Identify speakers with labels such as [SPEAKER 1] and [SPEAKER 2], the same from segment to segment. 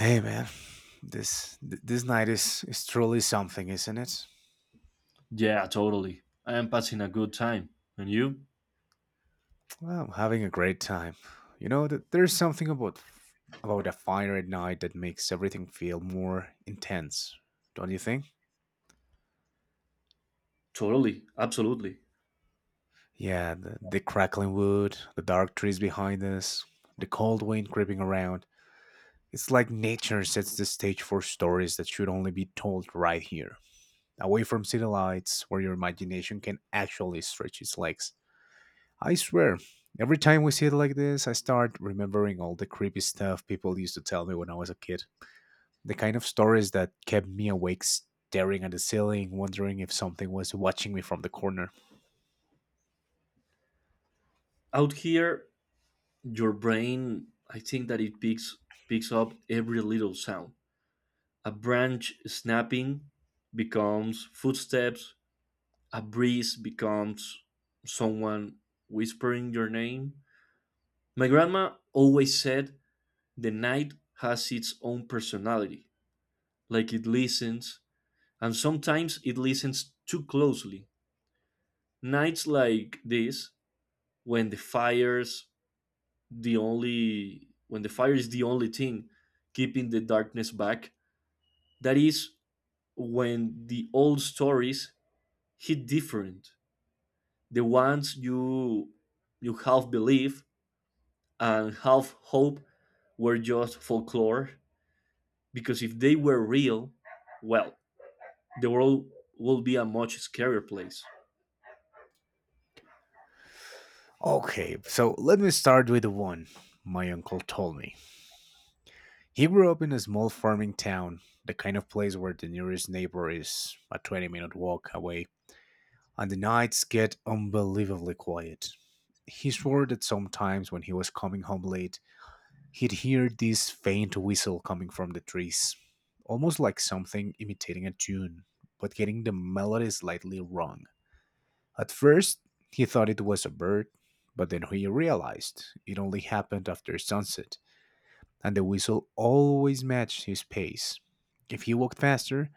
[SPEAKER 1] Hey man, this night is truly something, isn't it?
[SPEAKER 2] Yeah, totally. I am passing a good time. And you?
[SPEAKER 1] Well, I'm having a great time. You know that there's something about a fire at night that makes everything feel more intense, don't you think?
[SPEAKER 2] Totally, absolutely.
[SPEAKER 1] Yeah, the crackling wood, the dark trees behind us, the cold wind creeping around. It's like nature sets the stage for stories that should only be told right here, away from city lights, where your imagination can actually stretch its legs. I swear, every time we see it like this, I start remembering all the creepy stuff people used to tell me when I was a kid. The kind of stories that kept me awake staring at the ceiling, wondering if something was watching me from the corner.
[SPEAKER 2] Out here, your brain, I think that it picks up every little sound. A branch snapping becomes footsteps. A breeze becomes someone whispering your name. My grandma always said the night has its own personality, like it listens, and sometimes it listens too closely. Nights like this, when the fire's when the fire is the only thing keeping the darkness back, that is when the old stories hit different, the ones you half believe and half hope were just folklore, because if they were real, well, the world would be a much scarier place.
[SPEAKER 1] Okay, so let me start with the one my uncle told me. He grew up in a small farming town, the kind of place where the nearest neighbor is a 20-minute walk away, and the nights get unbelievably quiet. He swore that sometimes when he was coming home late, he'd hear this faint whistle coming from the trees, almost like something imitating a tune, but getting the melody slightly wrong. At first, he thought it was a bird, but then he realized it only happened after sunset, and the whistle always matched his pace. If he walked faster,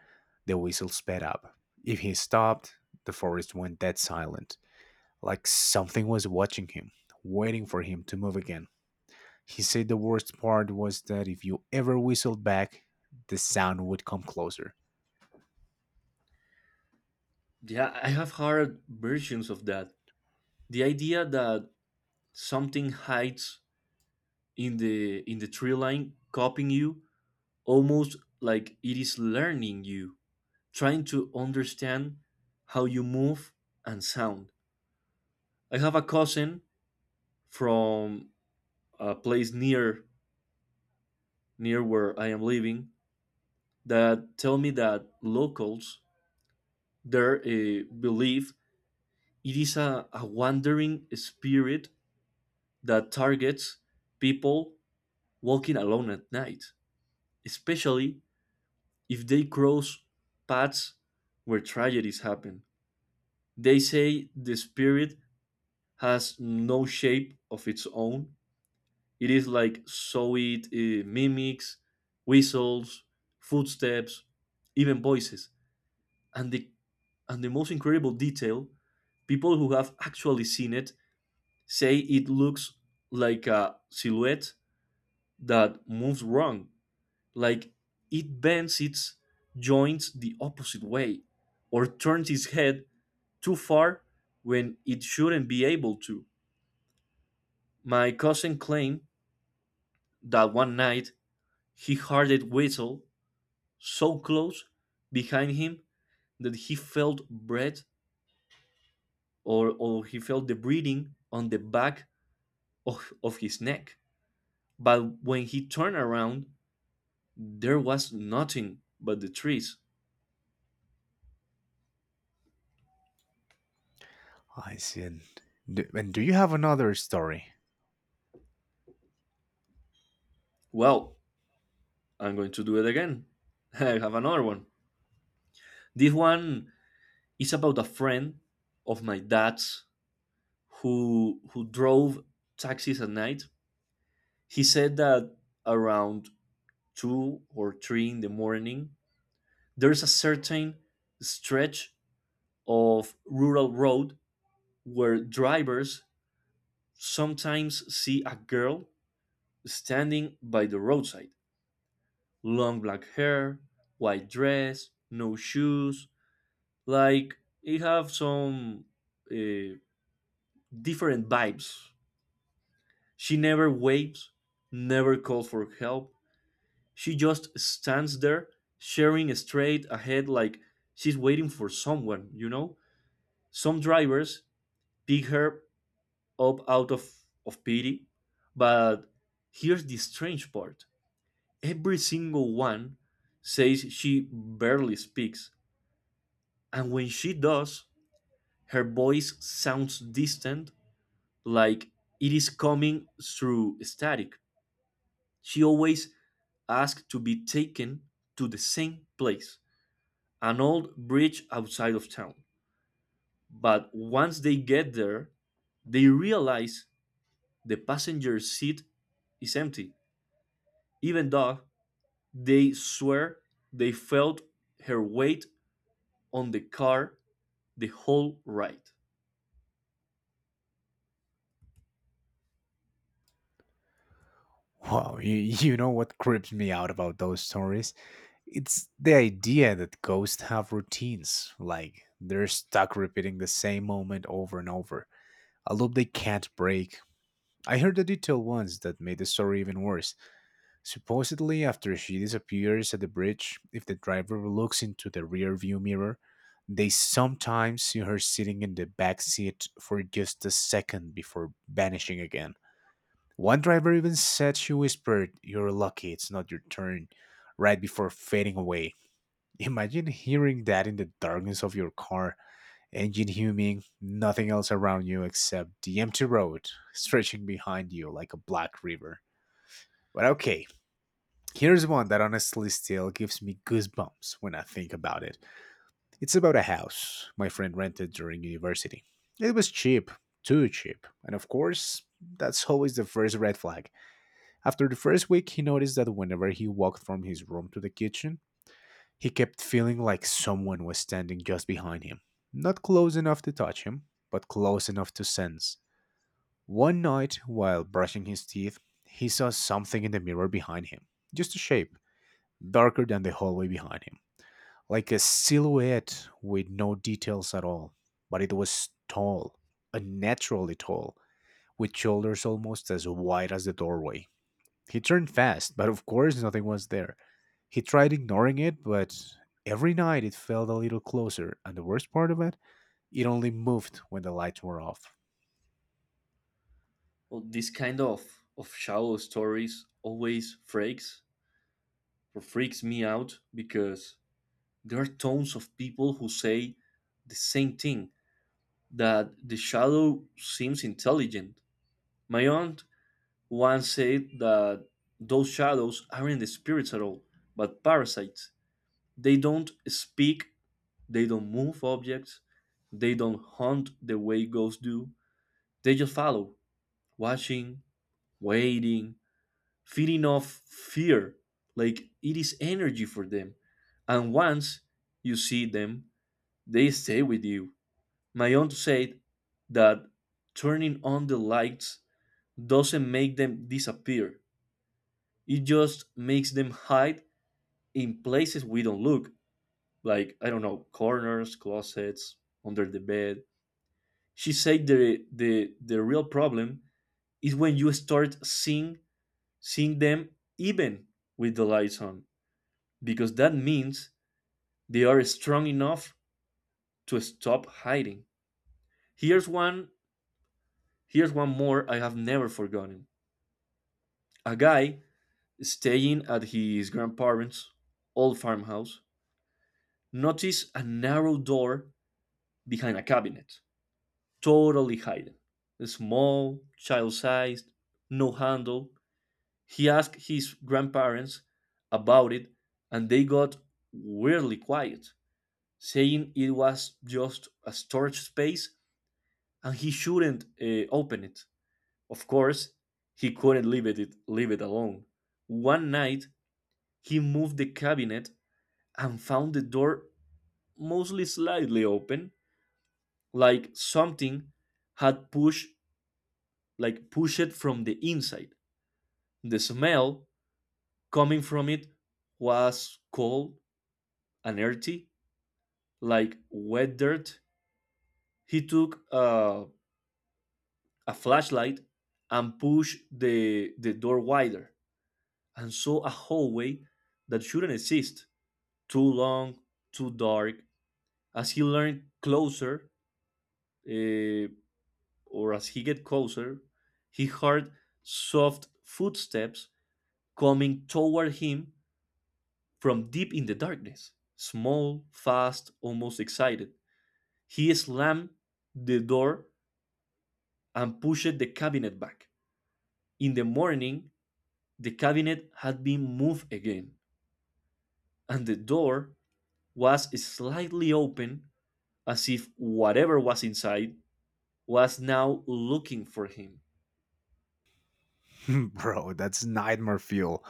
[SPEAKER 1] the whistle sped up. If he stopped, the forest went dead silent, like something was watching him, waiting for him to move again. He said the worst part was that if you ever whistled back, the sound would come closer.
[SPEAKER 2] Yeah, I have heard versions of that. The idea that something hides in the tree line, copying you, almost like it is learning you, trying to understand how you move and sound. I have a cousin from a place near where I am living that tell me that locals there believe it is a wandering spirit that targets people walking alone at night, especially if they cross paths where tragedies happen. They say the spirit has no shape of its own. It is like so it mimics whistles, footsteps, even voices. And the and the most incredible detail, people who have actually seen it say it looks like a silhouette that moves wrong, like it bends its joints the opposite way or turns its head too far when it shouldn't be able to. My cousin claimed that one night he heard it whistle so close behind him that he felt breath or he felt the breathing on the back of his neck. But when he turned around, there was nothing but the trees.
[SPEAKER 1] I said, "And do you have another story?"
[SPEAKER 2] Well, I'm going to do it again. I have another one. This one is about a friend of my dad's who drove taxis at night. He said that around two or three in the morning, there's a certain stretch of rural road where drivers sometimes see a girl standing by the roadside, long black hair, white dress, no shoes, like it have some uh, different vibes. She never waves, never calls for help. She just stands there, staring straight ahead like she's waiting for someone, you know? Some drivers pick her up out of pity, but here's the strange part: every single one says she barely speaks, and when she does, her voice sounds distant, like it is coming through static. She always asks to be taken to the same place, an old bridge outside of town. But once they get there, they realize the passenger seat is empty, even though they swear they felt her weight on the car the whole ride.
[SPEAKER 1] Wow, you know what creeps me out about those stories? It's the idea that ghosts have routines, like they're stuck repeating the same moment over and over, a loop they can't break. I heard a detail once that made the story even worse. Supposedly, after she disappears at the bridge, if the driver looks into the rearview mirror, they sometimes see her sitting in the back seat for just a second before vanishing again. One driver even said she whispered, "You're lucky it's not your turn," right before fading away. Imagine hearing that in the darkness of your car, engine humming, nothing else around you except the empty road stretching behind you like a black river. But okay, here's one that honestly still gives me goosebumps when I think about it. It's about a house my friend rented during university. It was cheap, too cheap, and of course, that's always the first red flag. After the first week, he noticed that whenever he walked from his room to the kitchen, he kept feeling like someone was standing just behind him. Not close enough to touch him, but close enough to sense. One night, while brushing his teeth, he saw something in the mirror behind him. Just a shape, darker than the hallway behind him, like a silhouette with no details at all. But it was tall, unnaturally tall, with shoulders almost as wide as the doorway. He turned fast, but of course nothing was there. He tried ignoring it, but every night it felt a little closer, and the worst part of it, it only moved when the lights were off.
[SPEAKER 2] Well, this kind of shallow stories always freaks me out because there are tons of people who say the same thing, that the shadow seems intelligent. My aunt one said that those shadows aren't the spirits at all, but parasites. They don't speak, they don't move objects, they don't hunt the way ghosts do. They just follow, watching, waiting, feeding off fear, like it is energy for them. And once you see them, they stay with you. My aunt said that turning on the lights doesn't make them disappear. It just makes them hide in places we don't look, like, I don't know, corners, closets, under the bed. She said the real problem is when you start seeing them even with the lights on, because that means they are strong enough to stop hiding. Here's one here's one more I have never forgotten. A guy staying at his grandparents' old farmhouse noticed a narrow door behind a cabinet, totally hidden. Small, child sized, no handle. He asked his grandparents about it and they got weirdly quiet, saying it was just a storage space and he shouldn't open it. Of course, he couldn't leave it alone. One night, he moved the cabinet and found the door mostly slightly open, like something had pushed, like, push it from the inside. The smell coming from it was cold and earthy, like wet dirt. He took a flashlight and pushed the door wider and saw a hallway that shouldn't exist. Too long, too dark. As he learned closer, eh, as he get closer, he heard soft footsteps coming toward him. From deep in the darkness, small, fast, almost excited, he slammed the door and pushed the cabinet back. In the morning, the cabinet had been moved again, and the door was slightly open, as if whatever was inside was now looking for him.
[SPEAKER 1] Bro, that's nightmare fuel.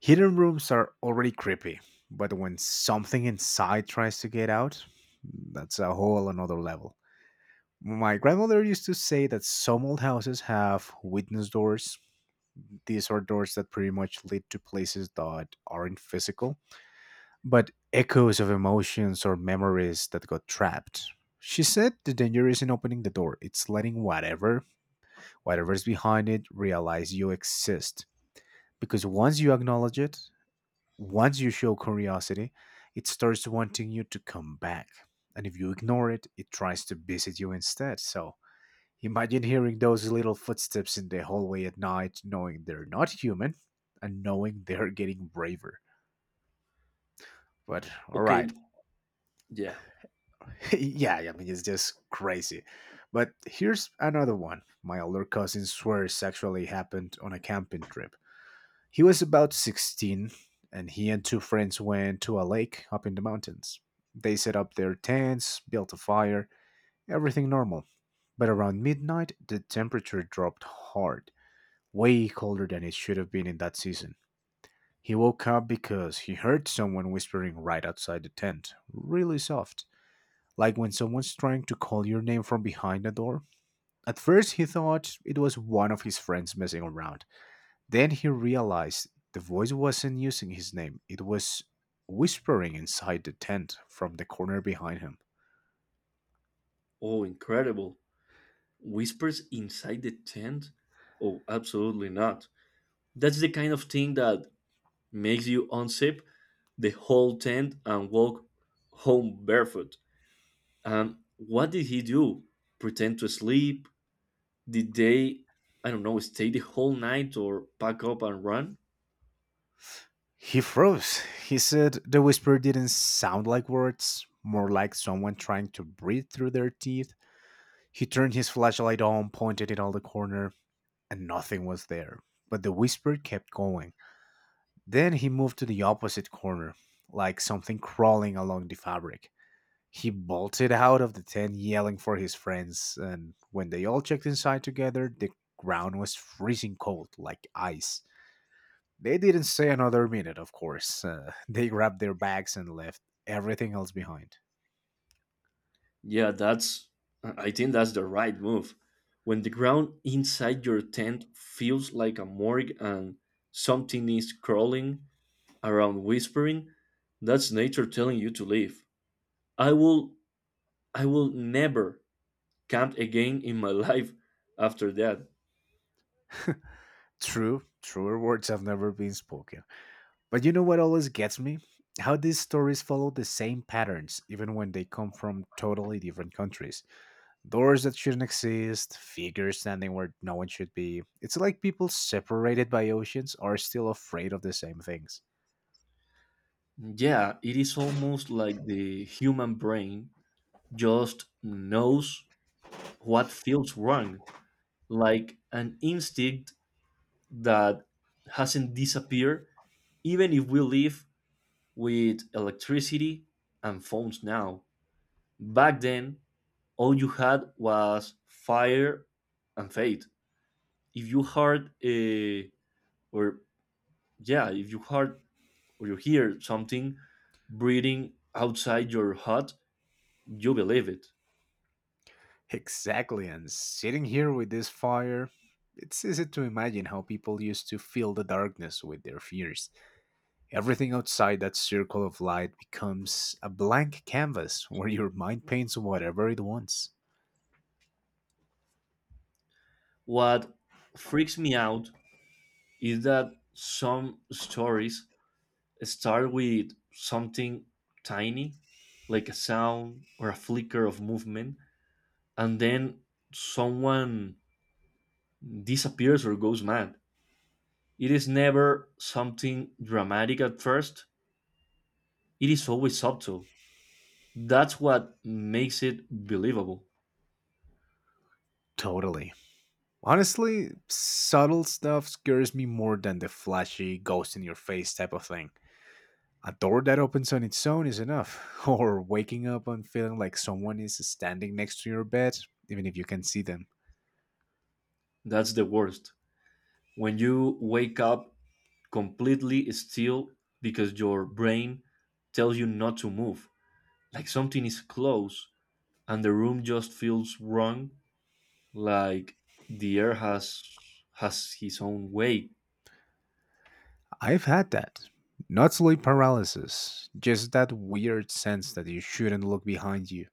[SPEAKER 1] Hidden rooms are already creepy, but when something inside tries to get out, that's a whole another level. My grandmother used to say that some old houses have witness doors. These are doors that pretty much lead to places that aren't physical, but echoes of emotions or memories that got trapped. She said the danger isn't opening the door, it's letting whatever's behind it realize you exist. Because once you acknowledge it, once you show curiosity, it starts wanting you to come back. And if you ignore it, it tries to visit you instead. So imagine hearing those little footsteps in the hallway at night, knowing they're not human and knowing they're getting braver. But all right,
[SPEAKER 2] Okay, yeah.
[SPEAKER 1] yeah, I mean, it's just crazy. But here's another one. My older cousin swears actually happened on a camping trip. He was about 16, and he and two friends went to a lake up in the mountains. They set up their tents, built a fire, everything normal. But around midnight, the temperature dropped hard, way colder than it should have been in that season. He woke up because he heard someone whispering right outside the tent, really soft, like when someone's trying to call your name from behind the door. At first, he thought it was one of his friends messing around. Then he realized the voice wasn't using his name, it was whispering inside the tent from the corner behind him.
[SPEAKER 2] Oh, incredible. Whispers inside the tent? Oh, absolutely not. That's the kind of thing that makes you unzip the whole tent and walk home barefoot. What did he do? Pretend to sleep? Did they, I don't know, stay the whole night or pack up and run?
[SPEAKER 1] He froze. He said the whisper didn't sound like words, more like someone trying to breathe through their teeth. He turned his flashlight on, pointed it on the corner, and nothing was there. But the whisper kept going. Then he moved to the opposite corner, like something crawling along the fabric. He bolted out of the tent yelling for his friends, and when they all checked inside together, the ground was freezing cold, like ice. They didn't stay another minute, of course. They grabbed their bags and left everything else behind.
[SPEAKER 2] Yeah, I think that's the right move. When the ground inside your tent feels like a morgue and something is crawling around whispering, that's nature telling you to leave. I will, I will never camped again in my life after that.
[SPEAKER 1] True, truer words have never been spoken. But you know what always gets me? How these stories follow the same patterns, even when they come from totally different countries. Doors that shouldn't exist, figures standing where no one should be. It's like people separated by oceans are still afraid of the same things.
[SPEAKER 2] Yeah, it is almost like the human brain just knows what feels wrong, like an instinct that hasn't disappeared, even if we live with electricity and phones now. Back then, all you had was fire and faith. If you heard a or yeah, If you hear something breathing outside your hut, you believe it.
[SPEAKER 1] Exactly, and sitting here with this fire, it's easy to imagine how people used to fill the darkness with their fears. Everything outside that circle of light becomes a blank canvas where your mind paints whatever it wants.
[SPEAKER 2] What freaks me out is that some stories start with something tiny, like a sound or a flicker of movement, and then someone disappears or goes mad. It is never something dramatic at first, it is always subtle. That's what makes it believable.
[SPEAKER 1] Totally. Honestly, subtle stuff scares me more than the flashy, ghost in your face type of thing. A door that opens on its own is enough, or waking up and feeling like someone is standing next to your bed, even if you can see them.
[SPEAKER 2] That's the worst, when you wake up completely still because your brain tells you not to move, like something is close and the room just feels wrong, like the air has his own way.
[SPEAKER 1] I've had that. Not sleep paralysis, just that weird sense that you shouldn't look behind you.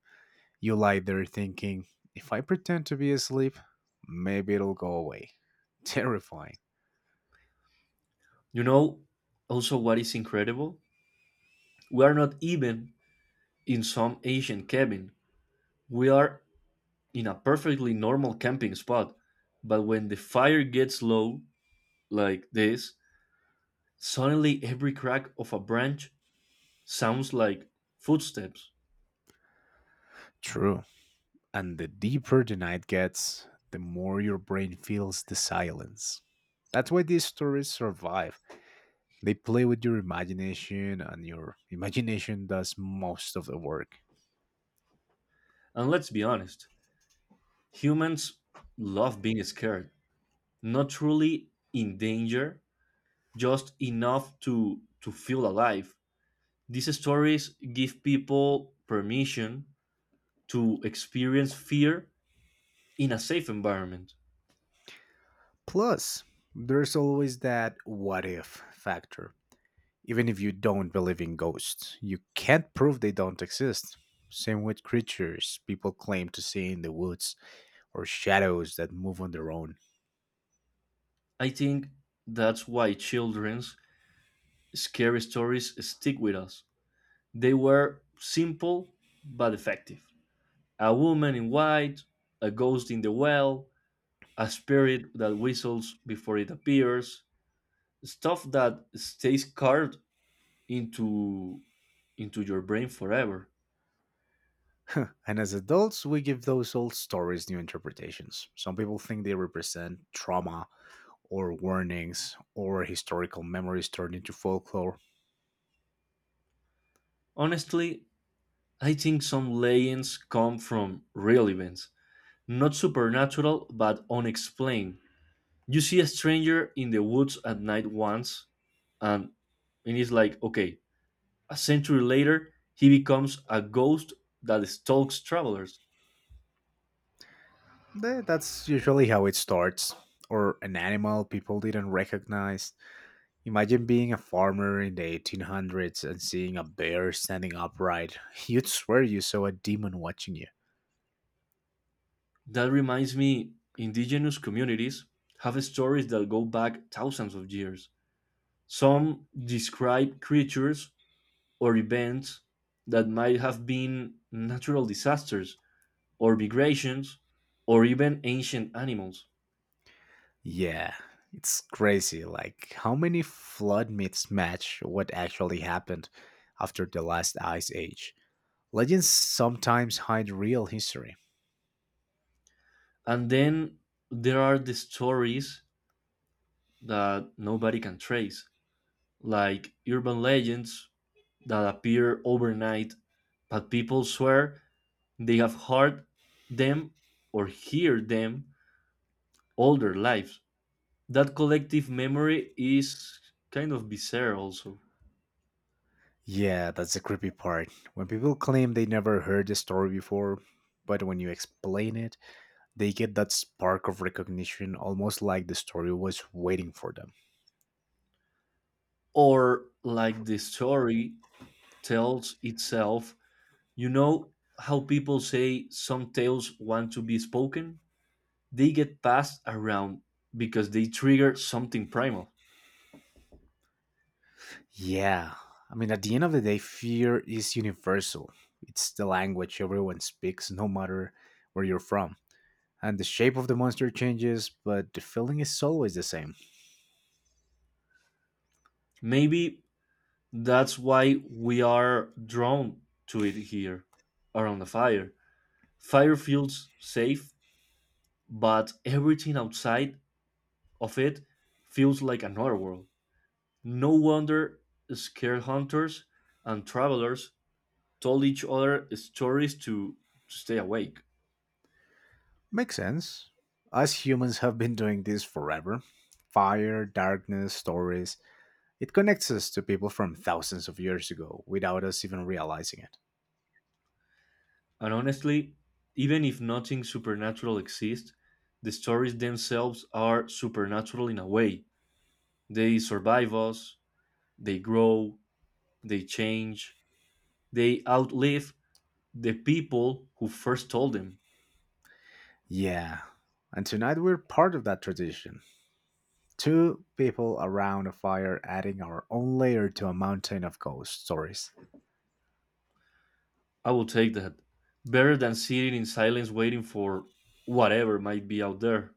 [SPEAKER 1] You lie there thinking, if I pretend to be asleep, maybe it'll go away. Terrifying.
[SPEAKER 2] You know, also, what is incredible, we are not even in some asian cabin, we are in a perfectly normal camping spot, but when the fire gets low like this, suddenly every crack of a branch sounds like footsteps.
[SPEAKER 1] True. And the deeper the night gets, the more your brain feels the silence. That's why these stories survive. They play with your imagination, and your imagination does most of the work.
[SPEAKER 2] And let's be honest, humans love being scared, not truly in danger, just enough to feel alive. These stories give people permission to experience fear in a safe environment.
[SPEAKER 1] Plus, there's always that what if factor. Even if you don't believe in ghosts, you can't prove they don't exist. Same with creatures people claim to see in the woods or shadows that move on their own.
[SPEAKER 2] I think that's why children's scary stories stick with us. They were simple but effective: a woman in white, a ghost in the well, a spirit that whistles before it appears, stuff that stays carved into into your brain forever.
[SPEAKER 1] And as adults, we give those old stories new interpretations. Some people think they represent trauma or warnings or historical memories turned into folklore.
[SPEAKER 2] Honestly, I think some legends come from real events, not supernatural but unexplained. You see a stranger in the woods at night once, and and it's like, okay, a century later he becomes a ghost that stalks travelers.
[SPEAKER 1] That's usually how it starts. Or an animal people didn't recognize. Imagine being a farmer in the 1800s and seeing a bear standing upright. You'd swear you saw a demon watching you.
[SPEAKER 2] That reminds me, indigenous communities have stories that go back thousands of years. Some describe creatures or events that might have been natural disasters or migrations or even ancient animals.
[SPEAKER 1] Yeah, it's crazy. Like, how many flood myths match what actually happened after the last ice age? Legends sometimes hide real history.
[SPEAKER 2] And then there are the stories that nobody can trace, like urban legends that appear overnight, but people swear they have them hear them all their lives. That collective memory is kind of bizarre, also.
[SPEAKER 1] Yeah, that's the creepy part. When people claim they never heard the story before, but when you explain it, they get that spark of recognition, almost like the story was waiting for them.
[SPEAKER 2] Or like the story tells itself, you know how people say some tales want to be spoken? They get passed around because they trigger something primal.
[SPEAKER 1] Yeah. I mean, at the end of the day, fear is universal. It's the language everyone speaks, no matter where you're from. And the shape of the monster changes, but the feeling is always the same.
[SPEAKER 2] Maybe that's why we are drawn to it here around the fire. Fire feels safe, but everything outside of it feels like another world. No wonder scared hunters and travelers told each other stories to stay awake.
[SPEAKER 1] Makes sense. Us humans have been doing this forever: fire, darkness, stories. It connects us to people from thousands of years ago without us even realizing it.
[SPEAKER 2] And honestly, even if nothing supernatural exists, the stories themselves are supernatural in a way. They survive us, they grow, they change, they outlive the people who first told them.
[SPEAKER 1] Yeah. And tonight we're part of that tradition. Two people around a fire adding our own layer to a mountain of ghost stories.
[SPEAKER 2] I will take that. Better than sitting in silence waiting for whatever might be out there.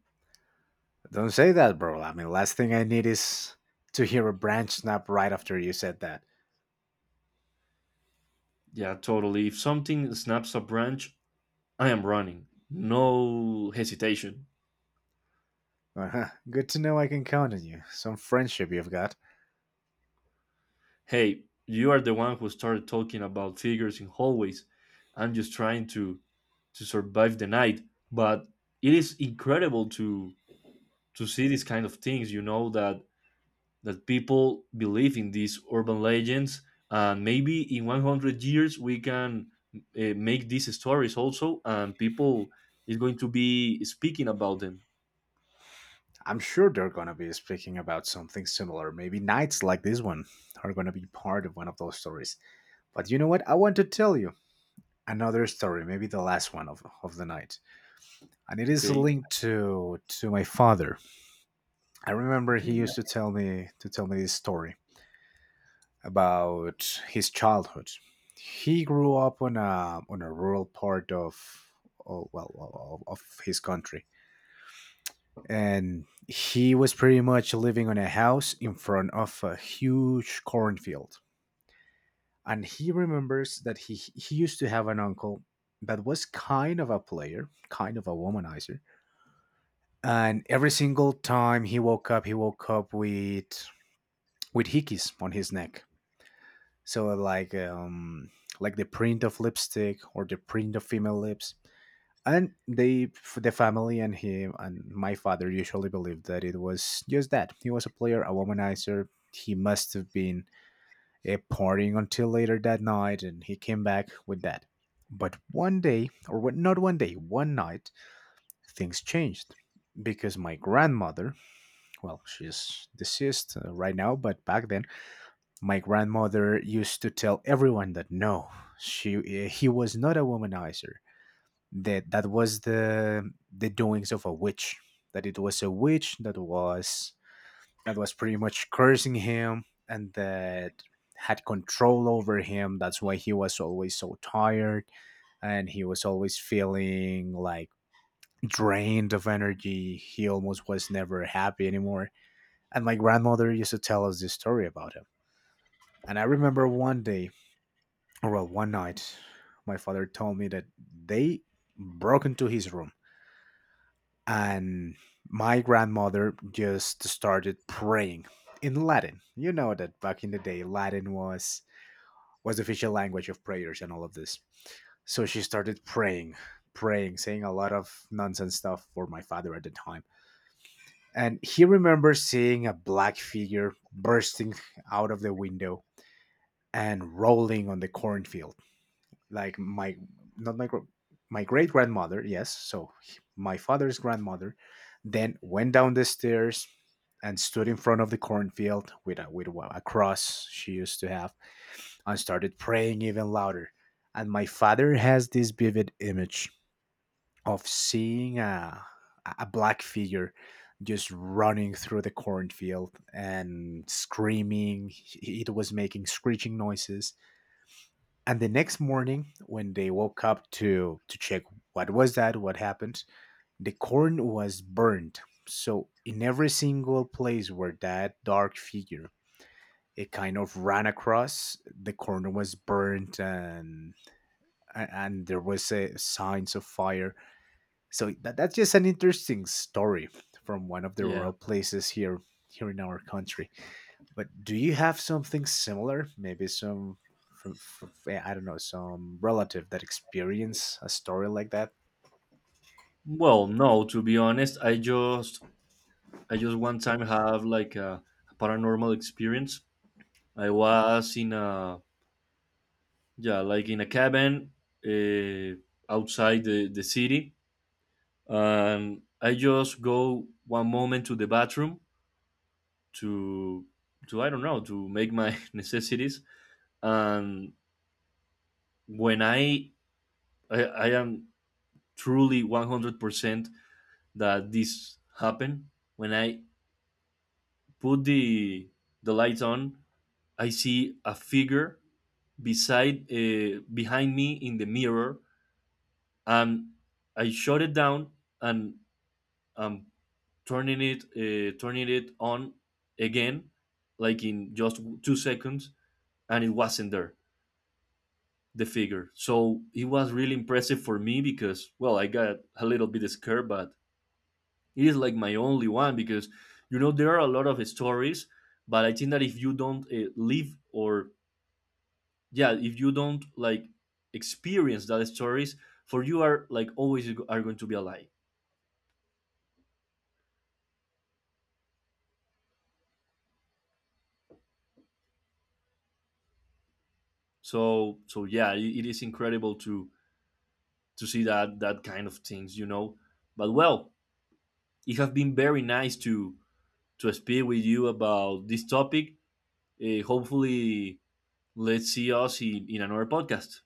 [SPEAKER 1] Don't say that, bro. I mean, last thing I need is to hear a branch snap right after you said that.
[SPEAKER 2] Yeah, totally. If something snaps a branch, I am running. No hesitation.
[SPEAKER 1] Uh-huh. Good to know I can count on you. Some friendship you've got.
[SPEAKER 2] Hey, you are the one who started talking about figures in hallways. I'm just trying to survive the night. But it is incredible to see these kind of things, you know, that people believe in these urban legends, and maybe in 100 years we can make these stories also, and people is going to be speaking about them.
[SPEAKER 1] I'm sure they're gonna be speaking about something similar. Maybe nights like this one are gonna be part of one of those stories. But you know what? I want to tell you another story, maybe the last one of the night. And it is
[SPEAKER 2] Okay.
[SPEAKER 1] linked to my father. I remember he
[SPEAKER 2] Okay.
[SPEAKER 1] used to tell me this story about his childhood. He grew up on a rural part of his country, and he was pretty much living on a house in front of a huge cornfield. And he remembers that he used to have an uncle that was kind of a player, kind of a womanizer, and every single time he woke up with hickeys on his neck, so like the print of lipstick or the print of female lips, and the family and him and my father usually believed that it was just that he was a player, a womanizer. He must have been partying until later that night and he came back with that. But one day, or what not one day, one night, things changed because my grandmother, well, she's deceased right now, but back then my grandmother used to tell everyone that no, she he was not a womanizer. That was the doings of a witch. That it was a witch that was pretty much cursing him and that had control over him. That's why he was always so tired and he was always feeling like drained of energy. He almost was never happy anymore. And my grandmother used to tell us this story about him. And I remember one day, well, one night, my father told me that they broke into his room and my grandmother just started praying in Latin. You know that back in the day, Latin was the official language of prayers and all of this. So she started praying, praying, saying a lot of nonsense stuff for my father at the time. And he remembers seeing a black figure bursting out of the window and rolling on the cornfield like my not my gr- my great grandmother yes, so my father's grandmother then went down the stairs and stood in front of the cornfield with a cross she used to have and started praying even louder. And my father has this vivid image of seeing a black figure just running through the cornfield and screaming. It was making screeching noises. And the next morning, when they woke up to check what was that, what happened, the corn was burned. So in every single place where that dark figure it kind of ran across, the corn was burnt, and- there was a signs of fire. So that's just an interesting story from one of the
[SPEAKER 2] Yeah.
[SPEAKER 1] rural places here, in our country. But do you have something similar? Maybe some, I don't know, some relative that experience a story like that.
[SPEAKER 2] Well, no, to be honest, I just one time have like a paranormal experience. I was in a cabin uh, outside the city, and I just go one moment to the bathroom to to I don't know, to make my necessities, and when I am truly 100% that this happened, when I put the lights on I see a figure beside behind me in the mirror, and I shut it down and I'm turning it on again, like in just 2 seconds, and it wasn't there the figure. So it was really impressive for me because, well, I got a little bit scared, but it is like my only one because you know there are a lot of stories, but I think that if you don't like experience that stories for you are like always are going to be a lie. So yeah, it is incredible to see that kind of things. But well, it has been very nice to speak with you about this topic. Uh, hopefully let's see us in another podcast.